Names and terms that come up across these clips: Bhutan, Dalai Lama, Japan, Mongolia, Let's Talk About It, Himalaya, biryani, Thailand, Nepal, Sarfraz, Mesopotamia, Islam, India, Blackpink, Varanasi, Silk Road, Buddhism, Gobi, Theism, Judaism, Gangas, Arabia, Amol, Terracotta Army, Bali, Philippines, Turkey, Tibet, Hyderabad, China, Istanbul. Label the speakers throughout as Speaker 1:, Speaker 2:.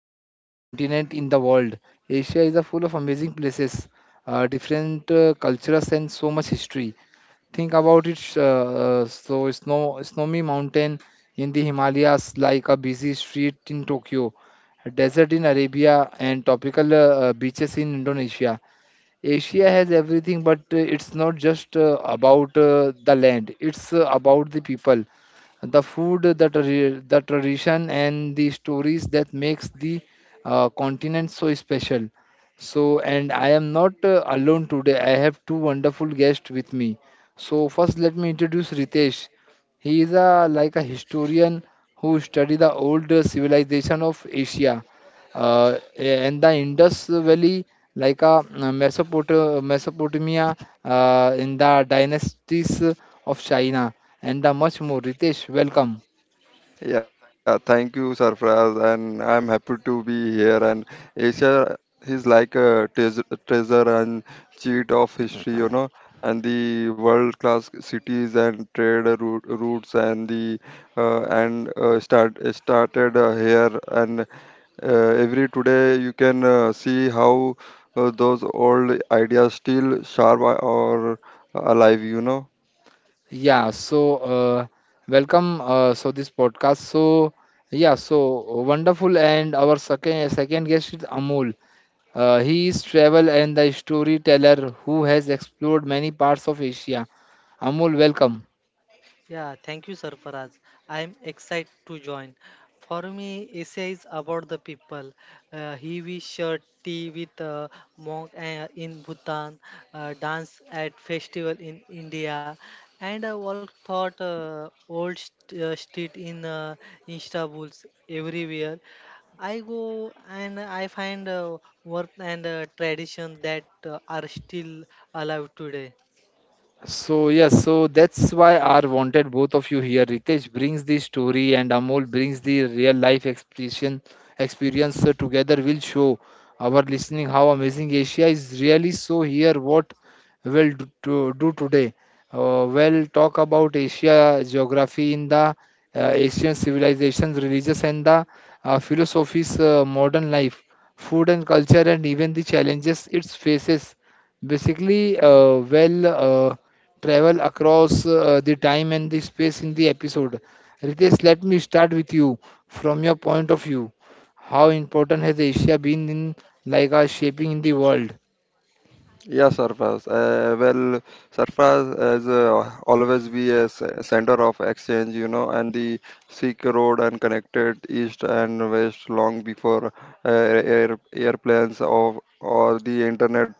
Speaker 1: continent in the world. Asia is a full of amazing places, different cultures and so much history. Think about it. So snowy mountain in the Himalayas, like a busy street in Tokyo, a desert in Arabia, and tropical beaches in Indonesia. Asia has everything, but it's not just about the land. It's about the people, the food, the tradition, and the stories that makes the continent so special. So, and I am not alone today. I have two wonderful guests with me. So, first, let me introduce Ritesh. He is a like a historian who study the old civilization of Asia and the Indus Valley like Mesopotamia in the dynasties of China and much more. Ritesh, welcome.
Speaker 2: Yeah, thank you, Sarfraz, and I'm happy to be here. And Asia is like a treasure and cheat of history, you know, and the world-class cities and trade routes and the and started here. And every today you can see how those old ideas still sharp or alive, you know.
Speaker 1: Yeah, so welcome. So this podcast. So yeah, so wonderful. And our second guest is Amol. He is travel and the storyteller who has explored many parts of Asia. Amol, welcome.
Speaker 3: Yeah, thank you, Sarfaraz. I am excited to join. For me, Asia is about the people. He we share tea with monk in Bhutan, dance at festival in India, and walk thought old street in Istanbul everywhere. I go and I find work and tradition that are still alive today.
Speaker 1: So yes, so that's why I wanted both of you here. Ritesh brings the story and Amol brings the real life expression experience. So together will show our listening how amazing Asia is really. So here what do today. We'll talk about Asia geography in the Asian civilizations, religious and the philosophies, modern life, food and culture, and even the challenges it faces basically travel across the time and the space in the episode. Ritesh, let me start with you from your point of view. How important has Asia been in like shaping in the world?
Speaker 2: Yeah, Sarfaz. Well, Sarfaz has always be a center of exchange, you know, and the Silk Road and connected east and west long before airplanes of or the internet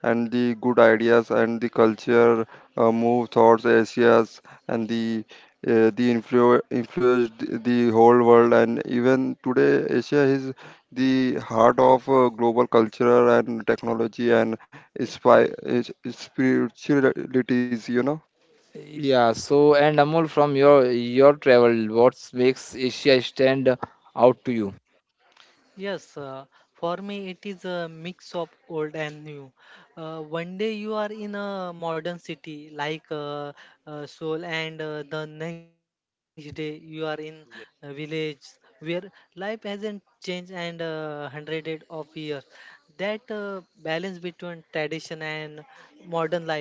Speaker 2: and the good ideas and the culture move towards Asia's and the influenced the whole world, and even today Asia is the heart of global culture and technology and spy, spiritualities, you know.
Speaker 1: Yeah, so and Amol, from your travel, what makes Asia stand out to you?
Speaker 3: Yes, uh, for me it is a mix of old and new. One day you are in a modern city like Seoul, and the next day you are in a village where life hasn't changed and hundred of years. That balance between tradition and modern life,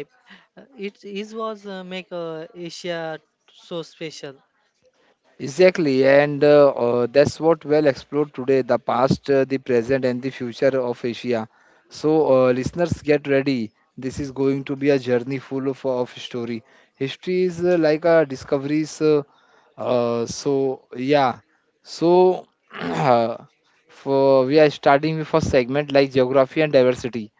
Speaker 3: it is was make Asia so special.
Speaker 1: Exactly, and that's what well explored today the past, the present, and the future of Asia. So, listeners, get ready. This is going to be a journey full of story. History is like a discoveries. Yeah. So, for we are starting with a segment like geography and diversity.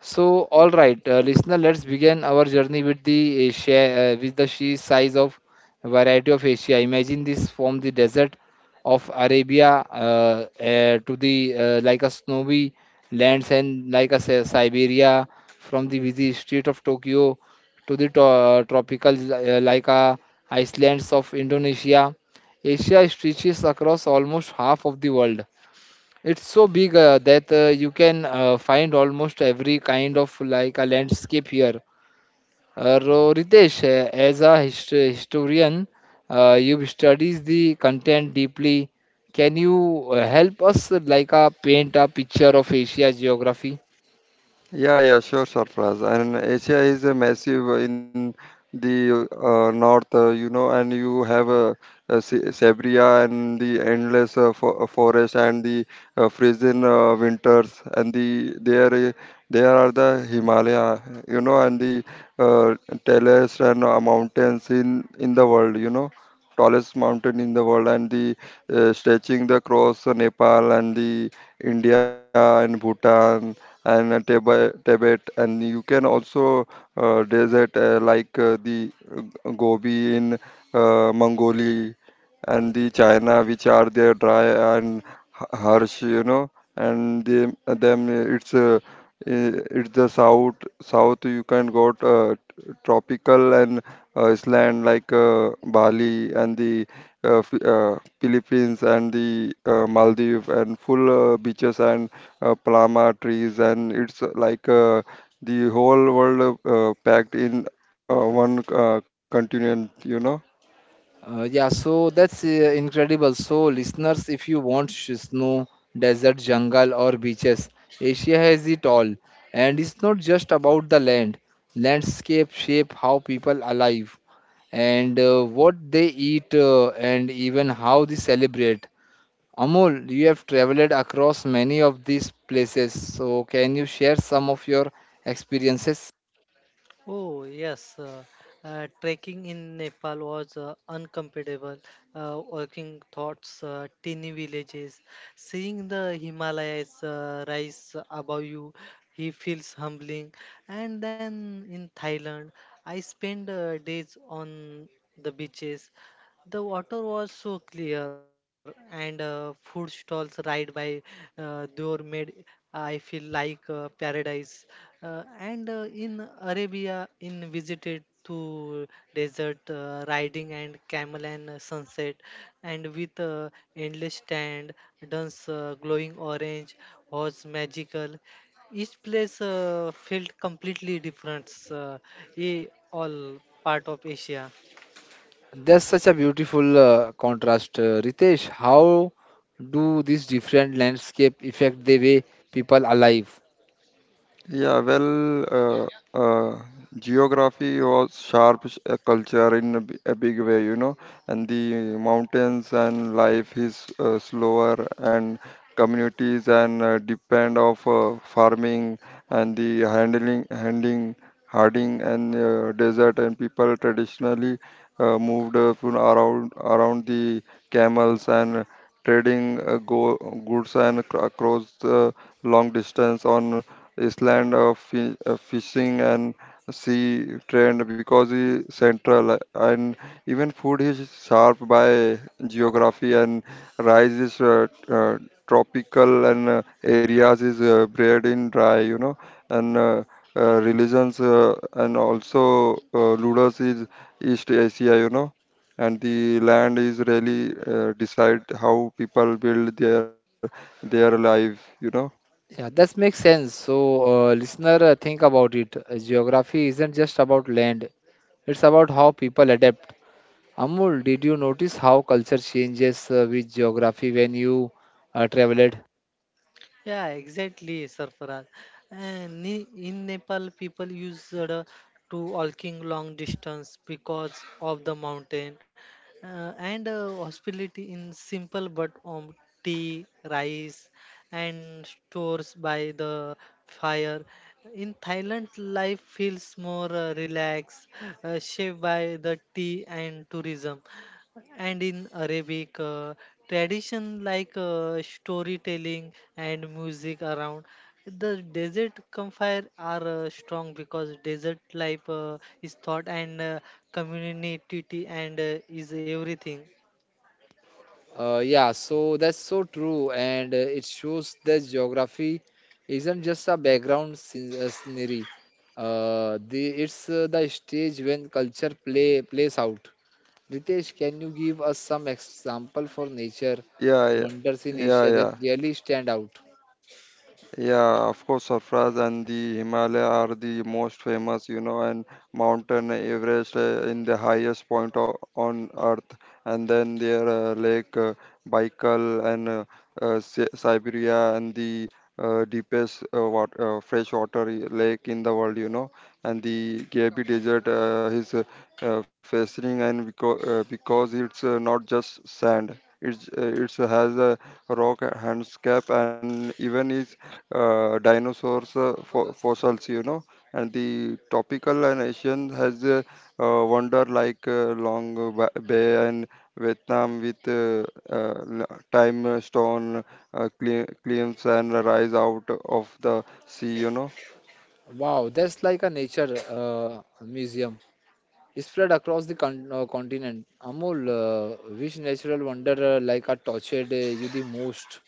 Speaker 1: So, all right, listener, let's begin our journey with the Asia, with the sheer size of variety of Asia. Imagine this from the desert of Arabia to the like a snowy lands and like a Siberia, from the busy street of Tokyo to the tropical like a islands of Indonesia. Asia stretches across almost half of the world. It's so big that you can find almost every kind of like a landscape here. Ritesh, as a historian, you studies the content deeply. Can you help us like paint a picture of Asia geography?
Speaker 2: Yeah, sure, Sarfraz. And Asia is a massive in the north, you know, and you have Siberia and the endless forest and the freezing winters, and there are the Himalaya, you know, and the uh, tallest and mountains in the world, you know, tallest mountain in the world, and the stretching the across Nepal and the India and Bhutan and Tibet, and you can also desert like the Gobi in Mongolia and the China, which are there dry and harsh, you know, and them, them it's it's the south you can go to, tropical and island like Bali and the Philippines and the Maldives and full beaches and palma trees, and it's like the whole world packed in uh, one continent, you know.
Speaker 1: Yeah, so that's incredible. So, listeners, if you want snow, desert, jungle, or beaches, Asia has it all. And it's not just about the land. Landscape shape how people alive and what they eat and even how they celebrate. Amol, you have traveled across many of these places, so can you share some of your experiences?
Speaker 3: Oh, yes. Trekking in Nepal was incomparable. Walking thoughts, teeny villages, seeing the Himalayas rise above you, he feels humbling. And then in Thailand, I spent days on the beaches, the water was so clear, and food stalls right by door made I feel like paradise. And in Arabia, in visited to desert riding and camel and sunset, and with endless stand, dance glowing orange was magical. Each place felt completely different. All part of Asia.
Speaker 1: That's such a beautiful contrast, Ritesh. How do these different landscape affect the way people are live?
Speaker 2: Yeah, uh, uh, geography was sharp culture in a big way, you know, and the mountains and life is slower, and communities and depend of farming and the handling
Speaker 1: Yeah, that makes sense. So, listener, think about it. Geography isn't just about land; it's about how people adapt. Amul, did you notice how culture changes with geography when you traveled?
Speaker 3: Yeah, exactly, Sarfaraz. In Nepal, people use to walking long distance because of the mountain, and hospitality in simple but tea, rice, and stores by the fire. In Thailand, life feels more relaxed, shaped by the tea and tourism, and in Arabic tradition like storytelling and music around the desert campfire are strong because desert life is thought and community and is everything.
Speaker 1: Yeah, so that's so true, and it shows that geography isn't just a background scenery. The It's the stage when culture plays out. Ritesh, can you give us some example for nature wonders in Asia that really stand out? Wow, that's like a nature museum spread across the con continent. Amol, which natural wonder like a tortured you the most?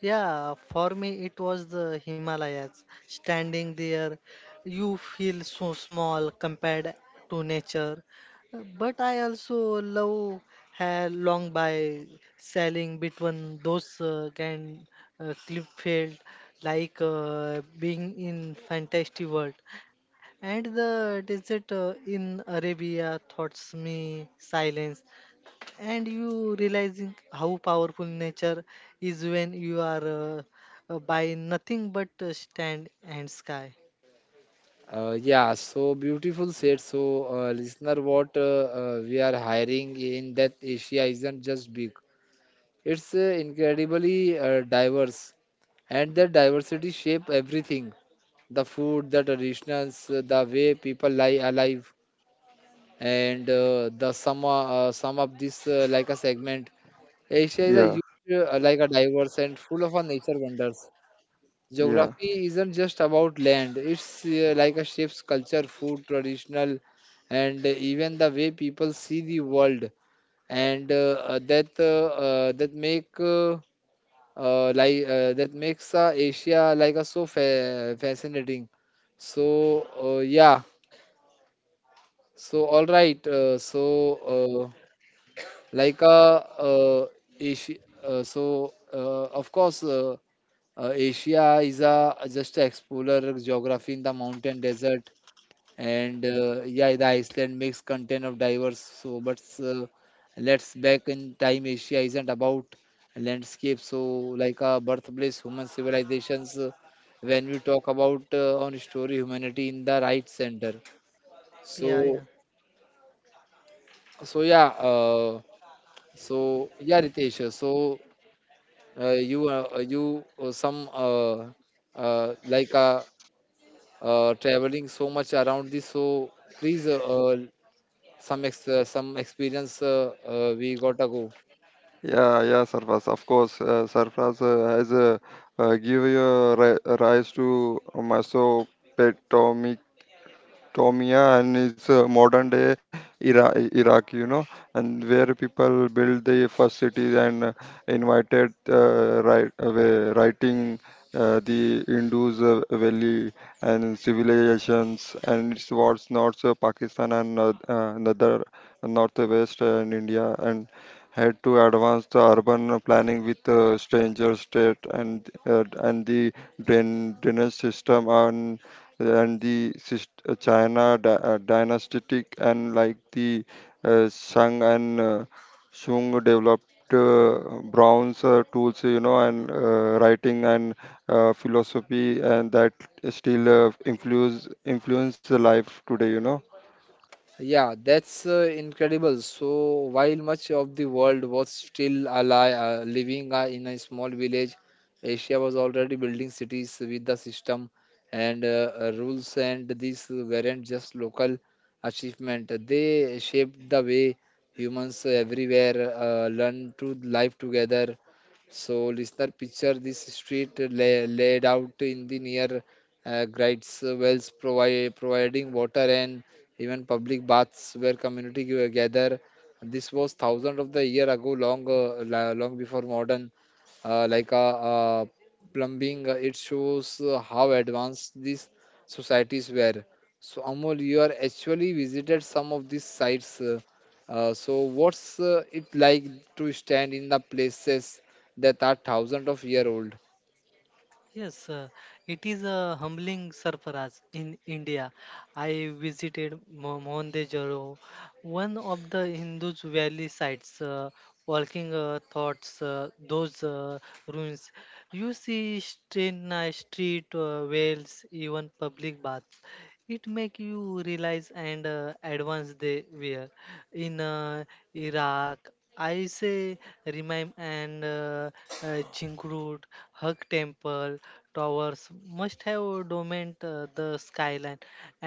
Speaker 3: Yeah, for me it was the Himalayas. Standing there, you feel so small compared to nature. But I also love how long by sailing between those kind cliff field, like being in fantasy world. And the desert in Arabia thoughts me silence and you realizing how powerful nature is when you are by nothing but stand and sky.
Speaker 1: Yeah, so beautiful said. So, listener, what we are hiring in that Asia isn't just big; it's incredibly diverse, and that diversity shape everything: the food, the traditions, the way people lie alive, and the sum sum of this like a segment. Asia is a huge, like a diverse and full of a nature wonders. Geography isn't just about land, it's like a ship's culture, food, traditional, and even the way people see the world, and that that make like that makes Asia like a so fascinating. So yeah, so all right, like uh, uh, Asia, so of course Asia is a just a explorer geography in the mountain desert and yeah the Iceland makes content of diverse so but let's back in time. Asia isn't about landscape so like a birthplace human civilizations when we talk about on story humanity in the right center so
Speaker 3: Yeah.
Speaker 1: so yeah so yeah Ritesh so you you some uh, like uh, traveling so much around this so please some some experience we gotta go. Yeah, that's incredible. So, while much of the world was still alive, living in a small village, Asia was already building cities with the system and rules, and these weren't just local achievement. They shaped the way humans everywhere learn to live together. So, listener, picture this street laid out in the near grites wells, providing water and even public baths where community gather. This was thousands of the year ago, long long before modern uh, like uh, uh, plumbing. It shows how advanced these societies were. So Amol, you are actually visited some of these sites. So what's it like to stand in the places that are thousands of year old?
Speaker 3: Yes, it is a humbling surprise in india I visited mohenjo-daro, one of the hindus valley sites walking thoughts those ruins. You see street, nice street wells, even public baths. It make you realize and advance they were in iraq. I say remain and jinkrut hug temple towers must have domined the skyline,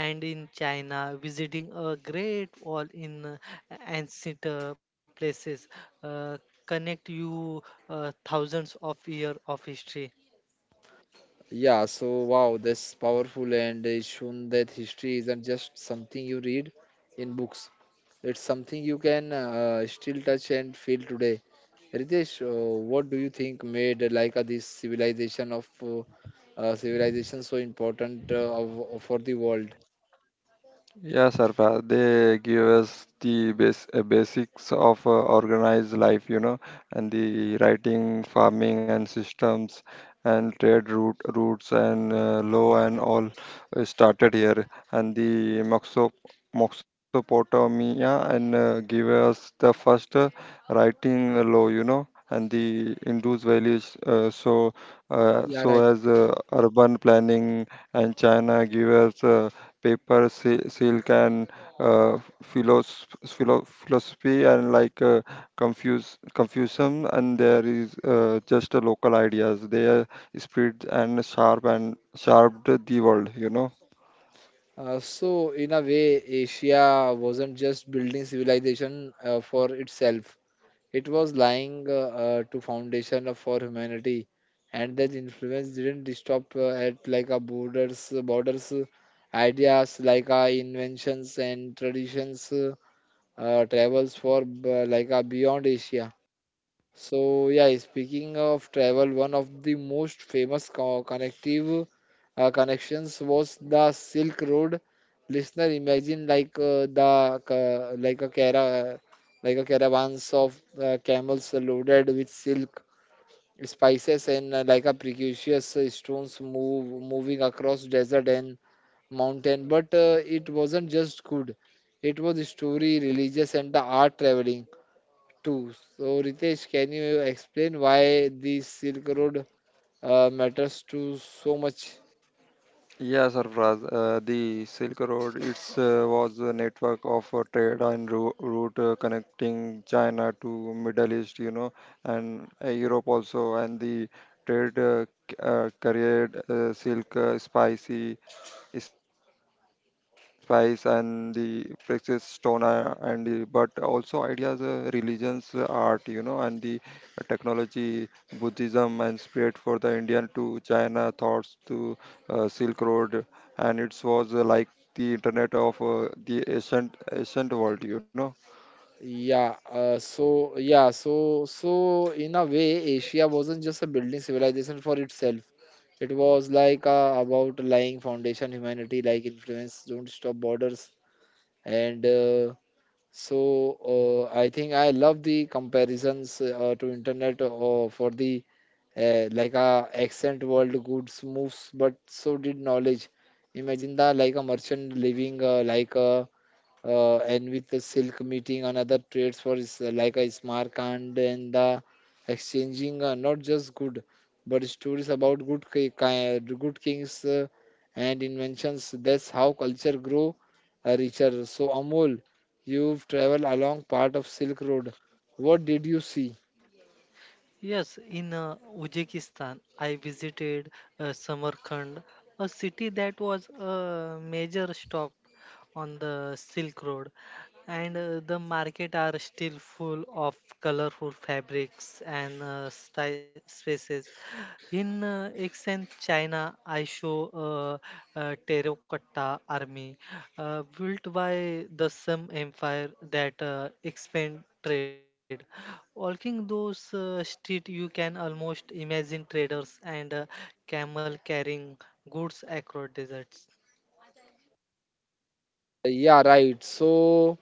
Speaker 3: and in china visiting a great wall in ancient places uh, connect you thousands of years of history.
Speaker 1: Yeah, so wow, that's powerful and it's shown that history isn't just something you read in books. It's something you can still touch and feel today. Ritesh, what do you think made like this civilization of civilization so important for the world? Yeah, right. So in a way, Asia wasn't just building civilization for itself. It was lying to foundation for humanity, and that influence didn't stop at like a borders. Ideas like our inventions and traditions travels for like beyond Asia. So yeah, speaking of travel, one of the most famous co- connective connections was the Silk Road. Listener, imagine like the ca- like a cara like a caravans of camels loaded with silk, spices, and like a precious stones move moving across desert and mountain. But it wasn't just good; it was story, religious, and the art traveling too. So, Ritesh, can you explain why the Silk Road matters to so much? Yeah, so in a way, Asia wasn't just a building civilization for itself. It was like about laying foundation, humanity, like influence, don't stop borders, and so I think I love the comparisons to internet for the like a accent world goods moves, but so did knowledge. Imagine that like a merchant living like a and with the silk meeting another trades for is like a smart and the exchanging not just good but stories about good kings and inventions. That's how culture grow richer. So Amol, you've traveled along part of Silk Road. What did you see?
Speaker 3: Yes, in Uzbekistan, I visited Samarkand, a city that was a major stop on the Silk Road, and the market are still full of colorful fabrics and sty- spaces. In accent China, I show a terracotta army built by the Sum Empire that expand trade. Walking those street, you can almost imagine traders and camel carrying goods across deserts.
Speaker 1: Yeah, right, so.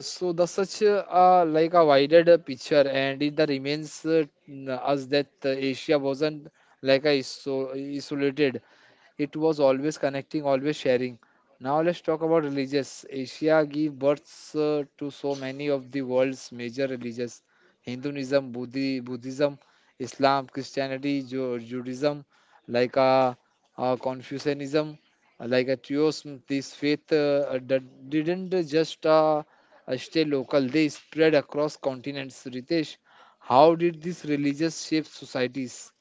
Speaker 1: So the such like a wider the picture, and it the remains us that Asia wasn't like a isolated. It was always connecting, always sharing. Now let's talk about religious. Asia gave births to so many of the world's major religions: Hinduism, Buddhism, Islam, Christianity, Judaism, like Confucianism, like a theism. This faith didn't just stay local. They spread across continents. Ritesh, how did these religious shape societies?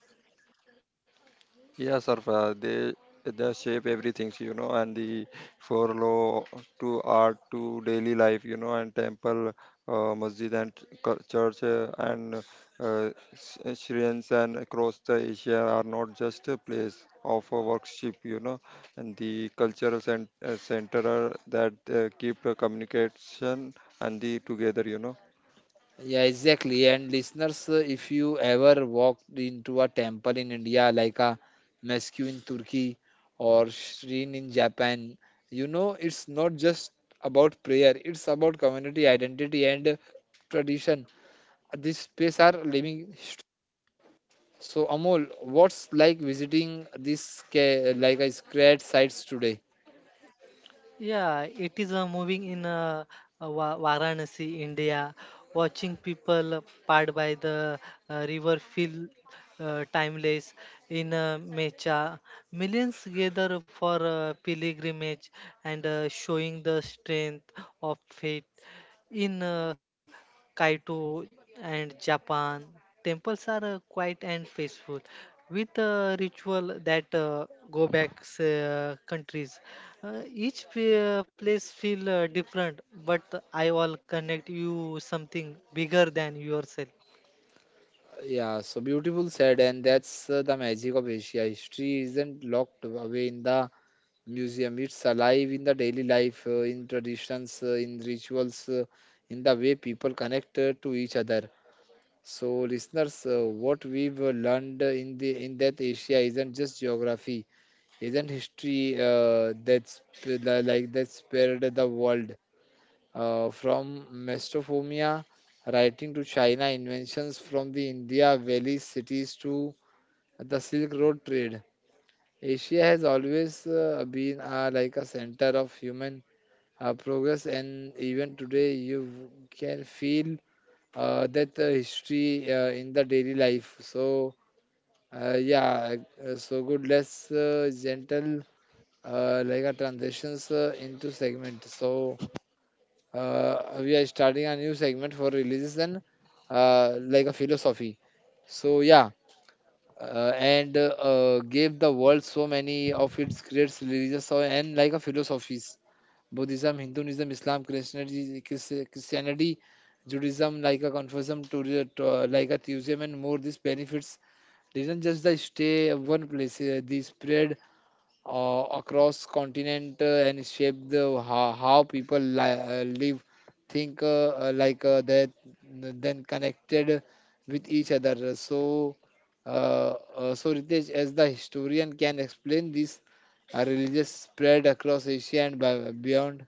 Speaker 1: Yeah, exactly. And listeners, if you ever walked into a temple in India, like a mosque in Turkey or shrine in Japan, you know it's not just about prayer, it's about community identity and tradition. These space are living. So, Amol, what's like visiting these like a sacred sites today?
Speaker 3: Yeah, it is moving in Varanasi, India. Watching people part by the river feel timeless. In Mecha, millions gather for pilgrimage and showing the strength of faith. In Kaito and Japan, temples are quiet and peaceful, with a ritual that go back countries. Each place feel different, but I all connect you something bigger than yourself.
Speaker 1: Yeah, so beautiful said, and that's the magic of Asia. History isn't locked away in the museum. It's alive in the daily life, in traditions, in rituals, in the way people connect to each other. So, listeners, what we've learned in the in that Asia isn't just geography, isn't history that's like that spared the world from Mesopotamia writing to China, inventions from the India Valley cities to the Silk Road trade. Asia has always been like a center of human progress, and even today you can feel that history in the daily life. Uh, yeah so good. Less Gentle like a transitions into segment. We are starting a new segment for religious and like a philosophy. So yeah and Gave the world so many of its great religious and like a philosophies: Buddhism, Hinduism, Islam, Christianity, Christianity, Judaism, like a Confucianism, like a Theism, and more. These benefits didn't just the stay at one place; they spread across continent and shaped how people live, think, like then connected with each other. So, so Ritesh, as the historian, can explain this religious spread across Asia and beyond.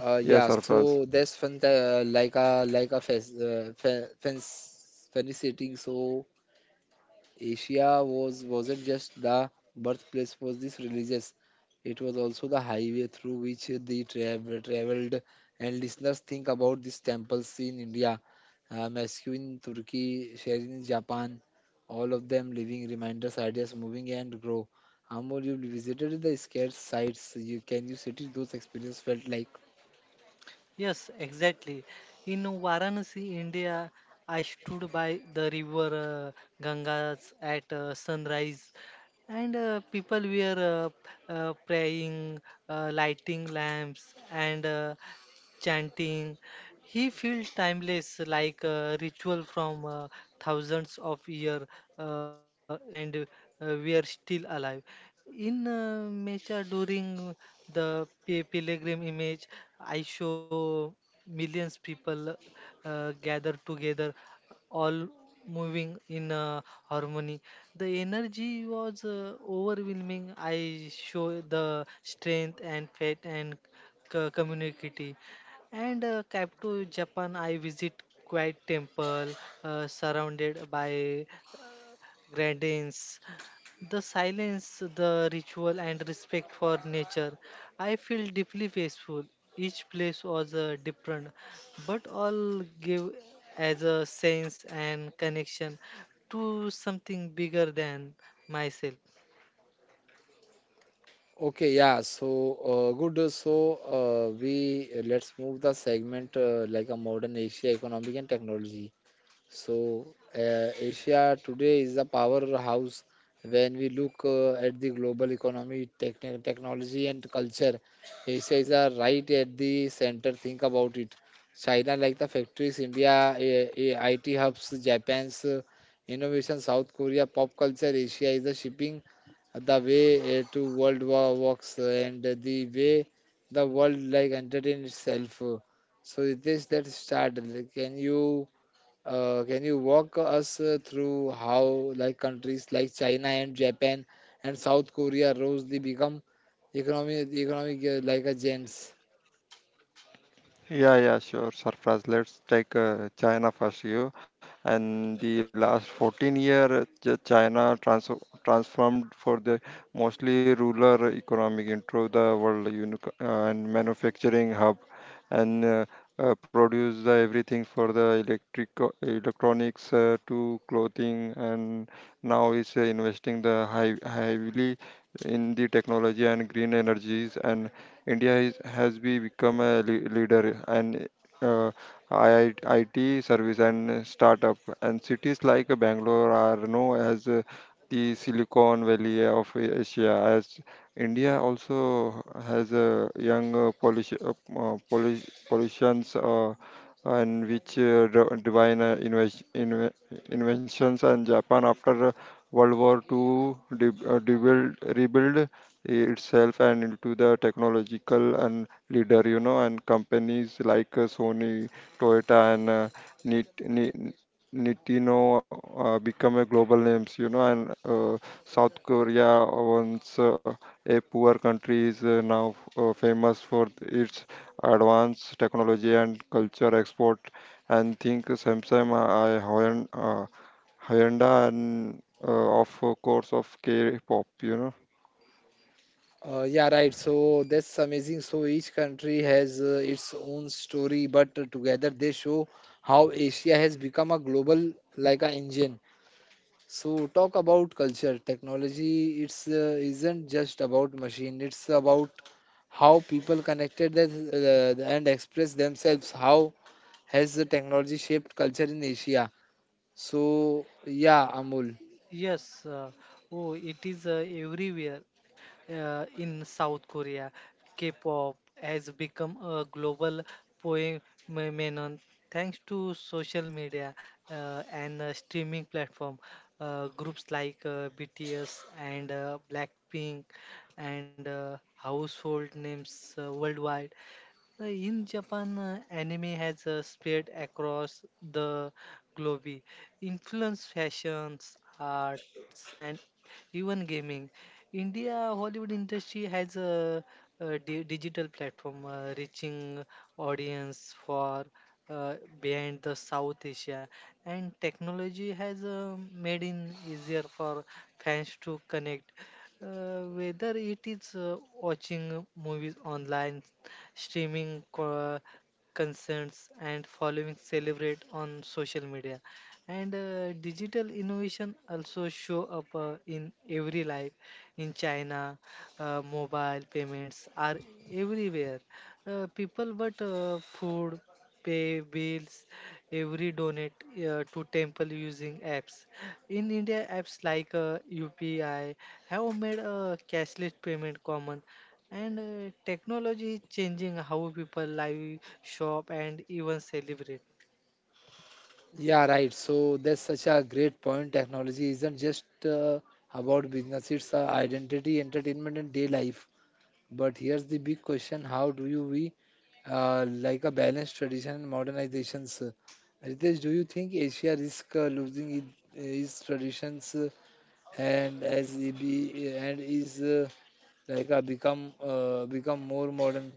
Speaker 1: Yeah, so that's fun fence fancy. So Asia wasn't just the birthplace for this religious; it was also the highway through which they traveled. And listeners, think about these temples in India, Moscow in Turkey, Sharin in Japan. All of them living reminders, ideas moving and grow. Amol, you visited the scared sites. You can you city those experiences felt like?
Speaker 3: Yes, exactly. In Varanasi, India, I stood by the river Gangas at sunrise, and people were praying, lighting lamps, and chanting. He feels timeless, like a ritual from thousands of years, uh, and we are still alive. In Mecha, during the pilgrim image, I show millions people gather together, all moving in harmony. The energy was overwhelming. I show the strength and faith and community. And cap to Japan, I visit quiet temple surrounded by gardens. The silence, the ritual, and respect for nature. I feel deeply peaceful. Each place was different, but all give as a sense and connection to something bigger than myself.
Speaker 1: Okay, yeah. So good. So we let's move the segment like a modern Asia economic and technology. So, Asia today is a powerhouse. When we look at the global economy, technology, and culture, Asia is right at the center. Think about it. China, like the factories, India, IT hubs, Japan's innovation, South Korea, pop culture. Asia is the shipping, the way to world war works, and the way the world like entertain itself. So, it is that start. Like, can you? Can you walk us through how like countries like China and Japan and South Korea rose they become economic like a gents? Yeah, right. So that's amazing. So each country has its own story, but together they show how Asia has become a global like a engine. So talk about culture, technology. It's isn't just about machine. It's about how people connected that, and express themselves. How has the technology shaped culture in Asia? So, yeah, Amul.
Speaker 3: Yes, oh, it is everywhere. In South Korea, K-pop has become a global phenomenon thanks to social media and streaming platform. Groups like BTS and Blackpink and household names worldwide. In Japan, anime has spread across the globe, influenced fashions, arts, and even gaming. India Hollywood industry has a digital platform reaching audience for uh, behind the South Asia, and technology has made it easier for fans to connect whether it is watching movies online, streaming concerts, and following celebrate on social media. And digital innovation also show up in every life. In China, mobile payments are everywhere. People but food, pay bills, every donate to temple using apps. In India, apps like UPI have made cashless payment common and technology is changing how people live, shop, and even celebrate.
Speaker 1: Yeah, right. So that's such a great point. Technology isn't just about business, it's identity, entertainment, and day life. But here's the big question: how do you we like a balanced tradition and modernizations? Ritesh, do you think Asia risk losing it, its traditions and as it be, and is like become more modern?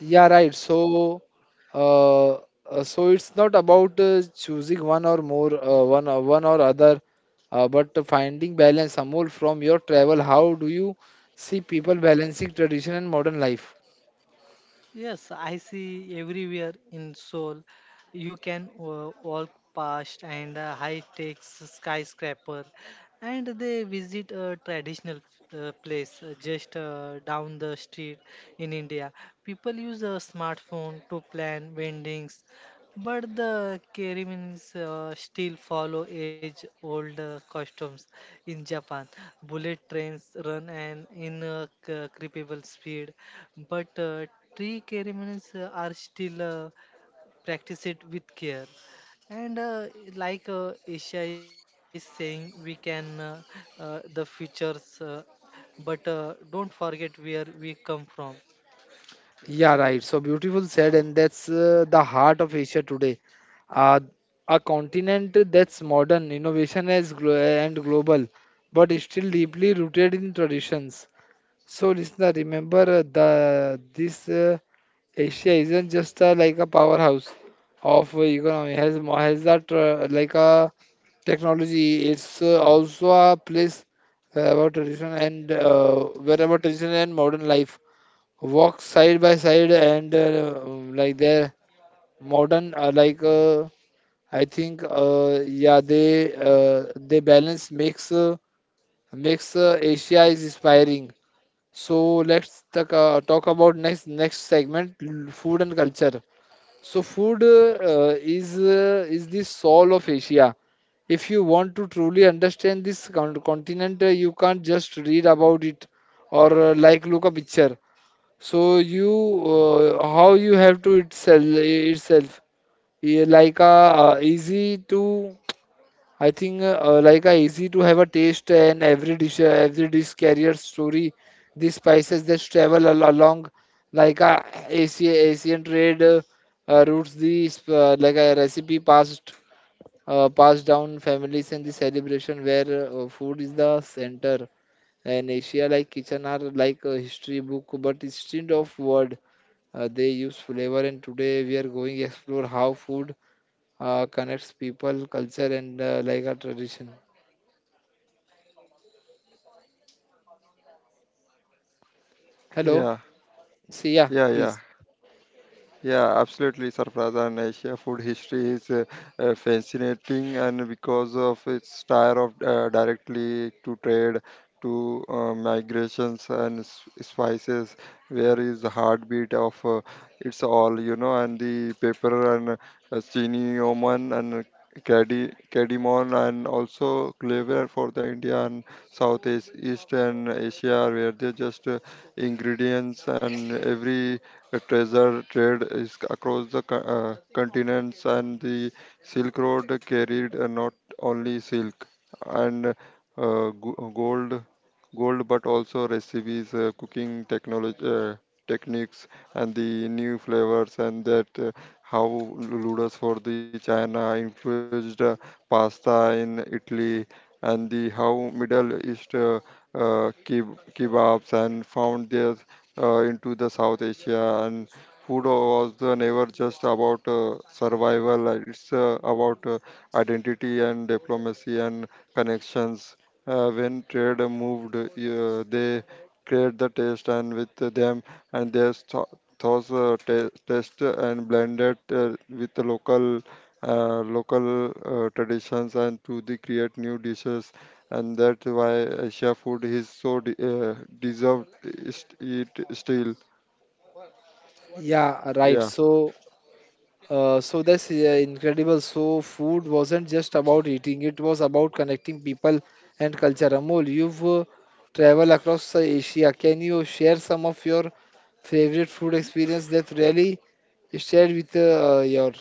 Speaker 1: Yeah, right. So, uh, so it's not about choosing one or more, one or one or other, but finding balance. Amol, from your travel, how do you see people balancing tradition and modern life?
Speaker 3: Yes, I see everywhere in Seoul. You can walk past and high-tech skyscraper, and they visit a traditional place just down the street in India. People use a smartphone to plan weddings, but the Kerimins still follow age-old customs in Japan. Bullet trains run an incredible speed, but tree Kerimins are still practice it with care. And like Isha is saying, we can the futures, but don't forget where we come from.
Speaker 1: Yeah, right. So beautiful said, and that's the heart of Asia today. Uh, a continent that's modern, innovation is glo- and global, but is still deeply rooted in traditions. So, listener, remember the this. Asia isn't just a, like a powerhouse of economy has mo- has that like a technology. It's also a place about tradition and wherever tradition and modern life walk side by side and like their modern I think they balance makes Asia is inspiring. So let's talk about next segment: food and culture. So food is the soul of Asia. If you want to truly understand this continent, you can't just read about it or like look a picture. So you how you have to itself. Yeah, like a easy to I think like easy to have a taste, and every dish carrier story. These spices that travel along like Asian trade routes. These like a recipe passed down families, and the celebration where food is the center. And Asia like kitchen are like a history book, but instead of word, they use flavor. And today we are going explore how food connects people, culture, and like a tradition. Hello. See, yeah, please. Yeah, right. So, so that's incredible. So, food wasn't just about eating; it was about connecting people and culture. Amol, you've traveled across Asia. Can you share some of your favorite food experience that really shared with your?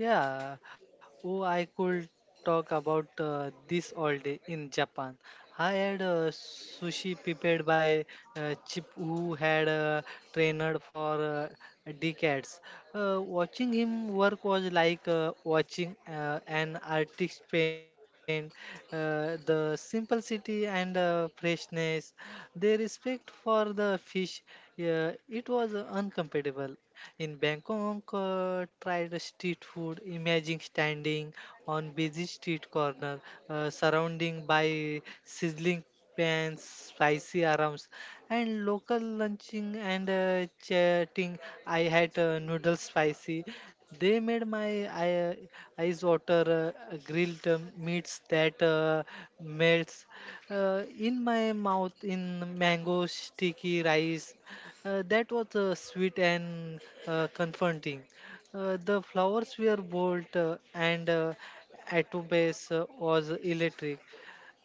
Speaker 3: Yeah, oh, I could talk about this all day in Japan. I had sushi prepared by Chip, who had trained for decades. Watching him work was like watching an artist paint. The simplicity and freshness, their respect for the fish, yeah, it was uncomparable. In Bangkok, try street food. Imagine standing on busy street corner, surrounding by sizzling pans, spicy arams, and local lunching and chatting. I had noodles spicy. They made eyes water. Grilled meats that melts in my mouth. In mango sticky rice that was sweet and comforting. The flowers were bold and Atubes was electric.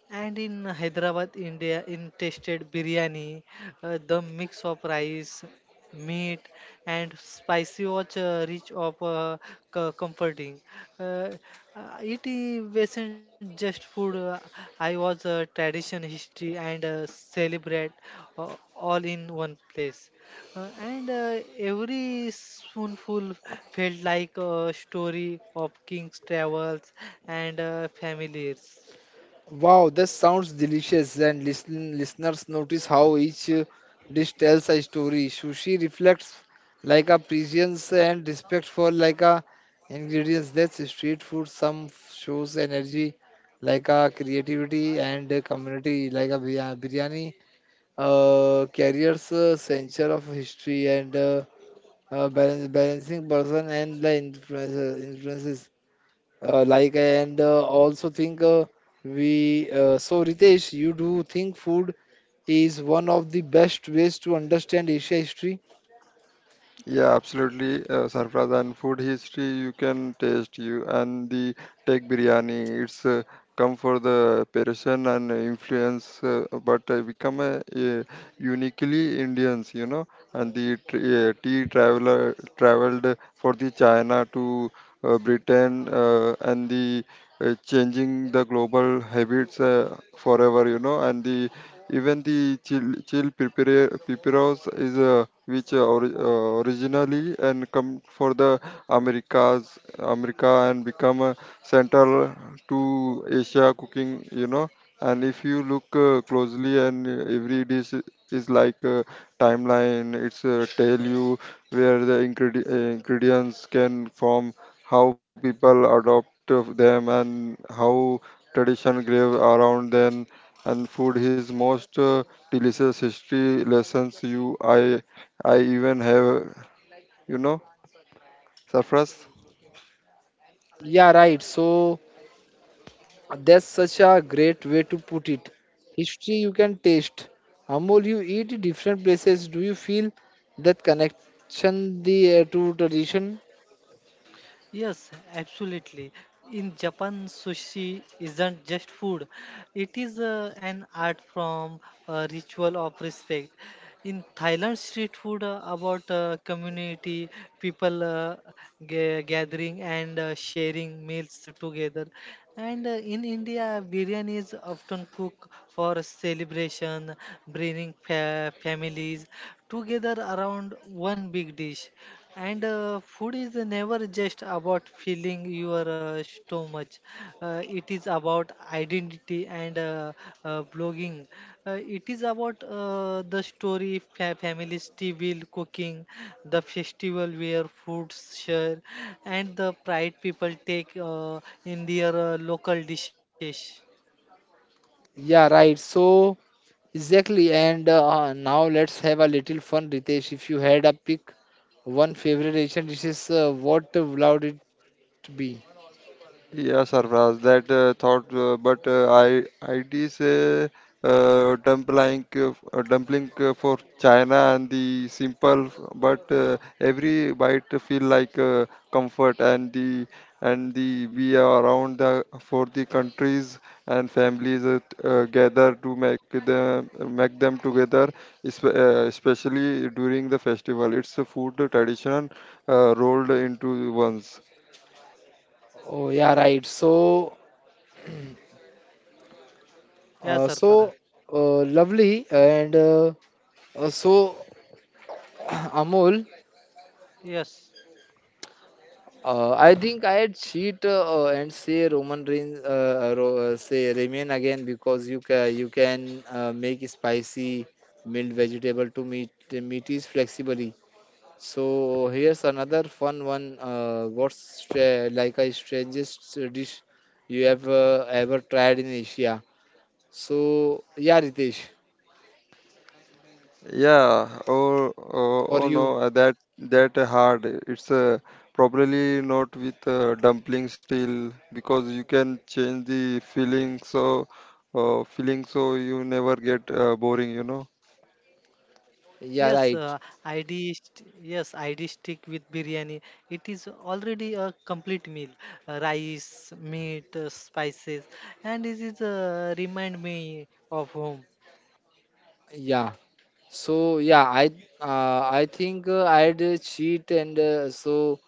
Speaker 3: And in Hyderabad, India, in tasted biryani, the mix of rice, meat, and spicy was rich of comforting. Uh, it wasn't just food. I was tradition, history, and celebrate all in one place. And every spoonful felt like a story of king's travels and families.
Speaker 1: Wow, this sounds delicious. And listen, listeners, notice how each dish tells a story. Sushi reflects like a prescience and respect for like a ingredients. That's street food. Shows energy, like a creativity and a community, like biryani. Carriers a century of history and balancing person and the influences. Influences like and also think we So Ritesh, you do think food is one of the best ways to understand Asia history? Yeah, right. So that's such a great way to put it. History you can taste. Amol, you eat different places. Do you feel that connection the to tradition?
Speaker 3: Yes, absolutely. In Japan, sushi isn't just food, it is an art from a ritual of respect. In Thailand, street food about community, people gathering and sharing meals together. And in India, biryani is often cooked for celebration, bringing families together around one big dish. And food is never just about filling your stomach. It is about identity and blogging. It is about the story, family's table cooking, the festival where foods share, and the pride people take in their local dishes.
Speaker 1: Yeah, right. So exactly. And now let's have a little fun, Ritesh. If you had a pick one favorite Asian dishes, what would to. Oh yeah, right. So
Speaker 3: Yes,
Speaker 1: uh,
Speaker 3: sir,
Speaker 1: so
Speaker 3: Parag.
Speaker 1: lovely and so Amol.
Speaker 3: Yes.
Speaker 1: I think I'd cheat and say say Ramen again, because you can make spicy mild vegetable to meat is flexibly. So here's another fun one. What's like a strangest dish you have ever tried in Asia? So yeah, Ritesh. For you
Speaker 3: Yes,
Speaker 1: yeah
Speaker 3: uh,
Speaker 1: right
Speaker 3: Yes, ID stick with biryani. It is already a complete meal. Rice, meat, spices, and this is remind me of home.
Speaker 1: yeah so yeah I think I'd cheat and so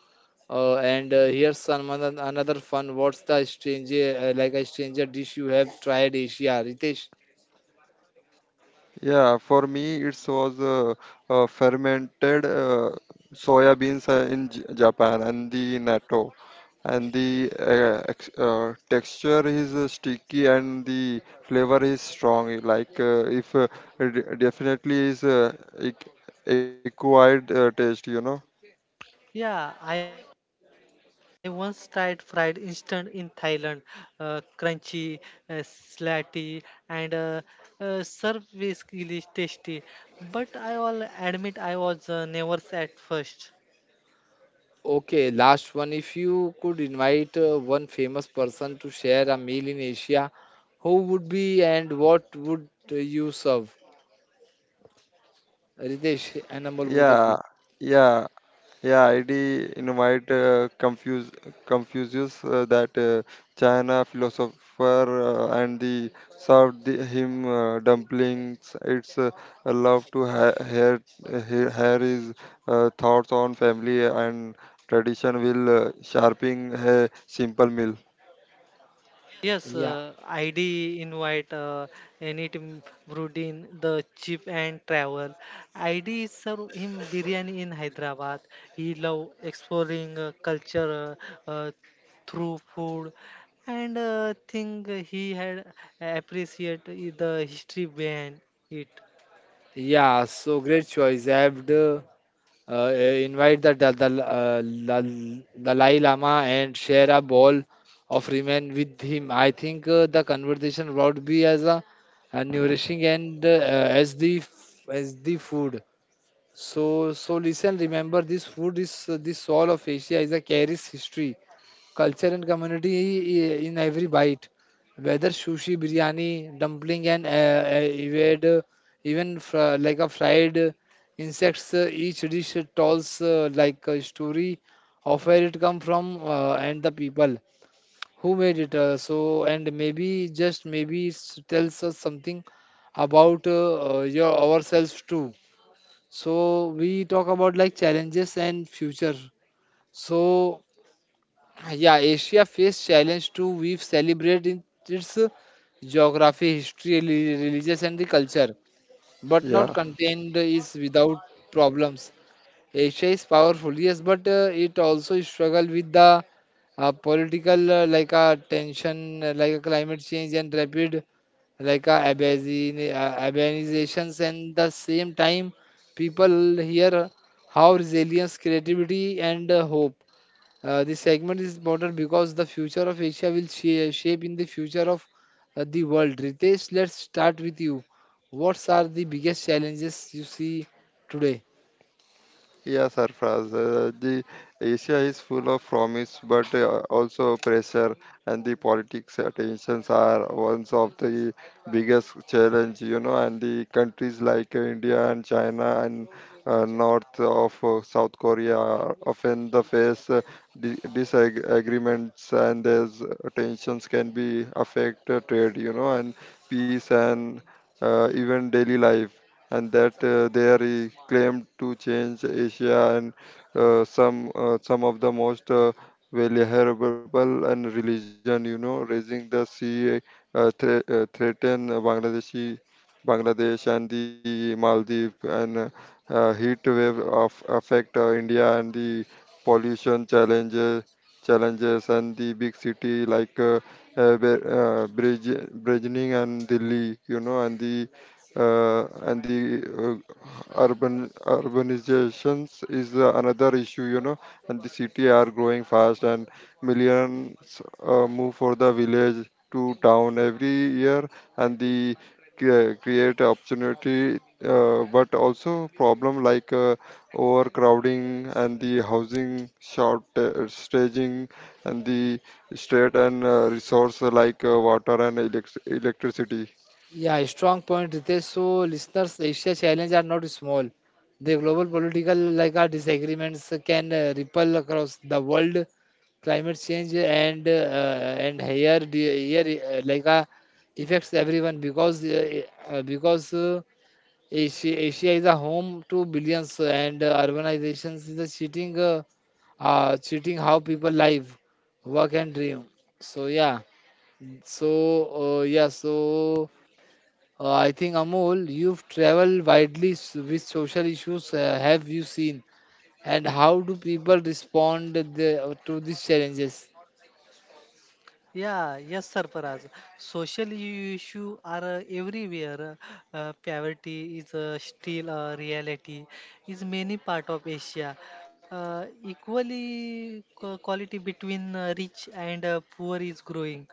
Speaker 1: and Here's another fun. What's the stranger like a stranger dish you have tried Asia, Ritesh?
Speaker 3: Yeah, I once tried fried instant in Thailand, crunchy, slatty, and served with really tasty. But I will admit I was nervous at first.
Speaker 1: Okay, last one. If you could invite one famous person to share a meal in Asia, who would be, and what would you serve, Ritesh and Amol, both of you?
Speaker 3: Yes,
Speaker 1: yeah
Speaker 3: ID invite any team Brudin, the cheap and travel. ID serve him biryani in Hyderabad. He love exploring culture uh, uh, through food and think he had appreciate the history behind it.
Speaker 1: yeah So great choice. I invite the Dalai Lama and share a bowl of ramen with him. I think the conversation would be as a nourishing and as the food. So so listen, remember, this food is the soul of Asia, is a carries history, culture, and community in every bite, whether sushi, biryani, dumpling, and evade, like a fried insects. Each dish tells like a story of where it come from and the people who made it. So, and maybe just maybe it tells us something about your ourselves too. So we talk about like challenges and future. So Yeah, Asia faced challenge too. We've celebrated its geography, history, religious, and the culture, but not contained is without problems. Asia is powerful, yes, but it also struggle with the political like tension, like climate change and rapid like urbanizations, and the same time people here how resilience, creativity, and hope. This segment is important because the future of Asia will shape in the future of the world. Ritesh, let's start with you. What are the biggest challenges you see today? Yeah, strong point, Ritesh. So, listeners, Asia challenges are not small. The global political like our disagreements can ripple across the world. Climate change and here like affects everyone, because uh, because uh, Asia, Asia is a home to billions, and urbanizations is a cheating, cheating how people live, work, and dream. So yeah, so uh, yeah, so I think Amol, you've traveled widely. Which social issues have you seen, and how do people respond to these challenges?
Speaker 3: Yeah, yes, sir, Sarfaraz. Social issues are everywhere. Poverty is still a reality. Is many part of Asia. Equally, quality between rich and poor is growing.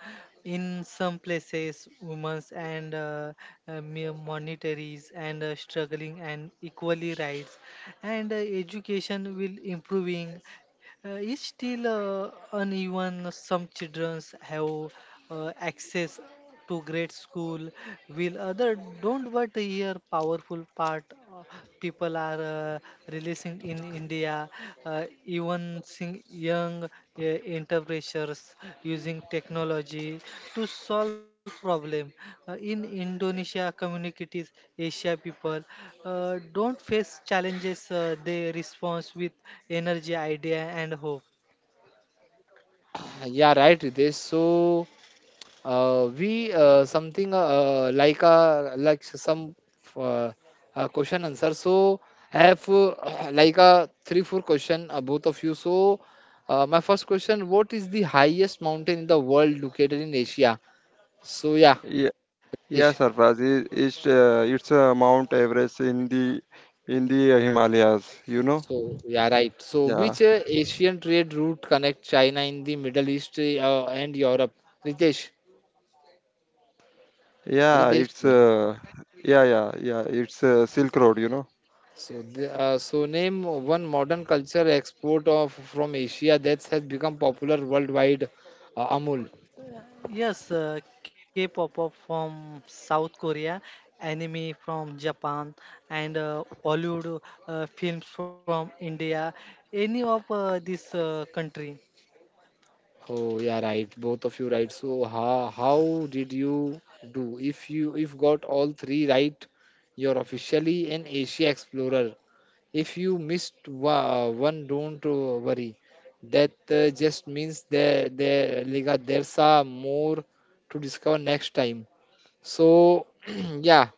Speaker 3: In some places, women's and monetaries and struggling and equally rights, and education will improving it's still uneven. Some children have access to great school, while other don't. But here, powerful part uh, people are uh, releasing in India, even young entrepreneurs using technology to solve problem. In Indonesia communities, Asia people don't face challenges. They respond with energy, idea, and hope.
Speaker 1: Yeah, right, Ritesh. So we something like a like some uh, question answer. So I have like a 3 4 question both of you. So my first question: what is the highest mountain in the world located in Asia? So yeah, Asia. So yeah, right. So which Asian trade route connect China in the Middle East and Europe? Ritesh, Ritesh, yeah. So, so name one modern culture export of from Asia that has become popular worldwide. Amul.
Speaker 3: Yes, K-pop up from South Korea, anime from Japan, and Hollywood films from India. Any of this country.
Speaker 1: Oh, yeah, right. Both of you right. So, how did you do? If you if got all three right, you're officially an Asia explorer. If you missed one, don't worry. That just means there there's a more to discover next time. So, yeah.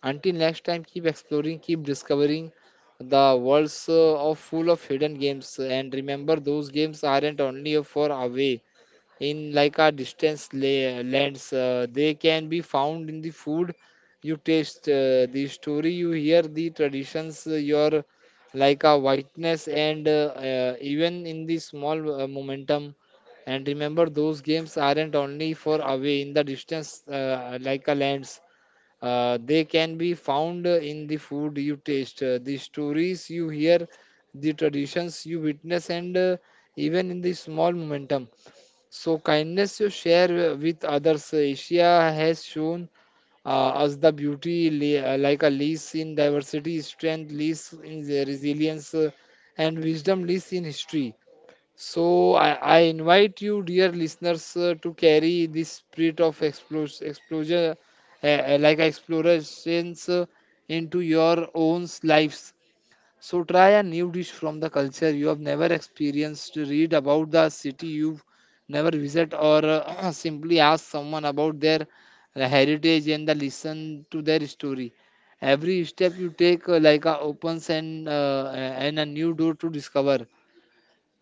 Speaker 1: Until next time, keep exploring, keep discovering the worlds of full of hidden games. And remember, those games aren't only for away in like a distance lands. They can be found in the food you taste, the story you hear, the traditions your like a whiteness, and even in the small momentum. And remember, those games aren't only for away in the distance, like a lands, they can be found in the food you taste, the stories you hear, the traditions you witness, and even in the small momentum. So, kindness you share with others. Asia has shown us the beauty like a lease in diversity, strength, lease in the resilience, and wisdom, lease in history. So I invite you, dear listeners, to carry this spirit of explosion, like explorations, into your own lives. So try a new dish from the culture you have never experienced. Read about the city you've never visit, or simply ask someone about their heritage and the listen to their story. Every step you take, like a opens and a new door to discover.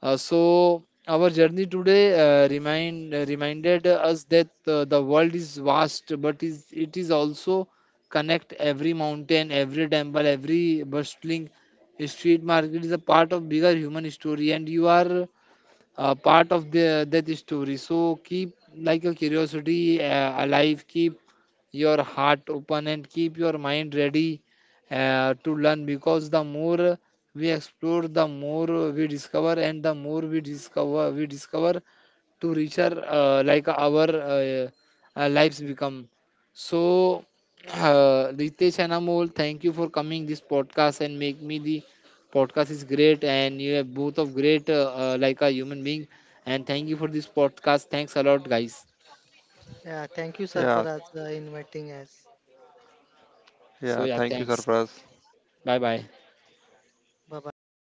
Speaker 1: So our journey today reminded us that the world is vast, but is it is also connect. Every mountain, every temple, every bustling street market is a part of bigger human story, and you are part of that story. So keep like a curiosity alive, keep your heart open, and keep your mind ready to learn, because the more we explore, the more we discover, and the more we discover, to richer like our lives become. So, Ritesh and Amol, thank you for coming this podcast and make me the podcast is great, and you have both of great, like a human being. And thank you for this podcast. Thanks a lot, guys.
Speaker 3: Yeah, thank you, Sarparaj, inviting us.
Speaker 1: Thanks. Bye bye.
Speaker 3: Bye bye.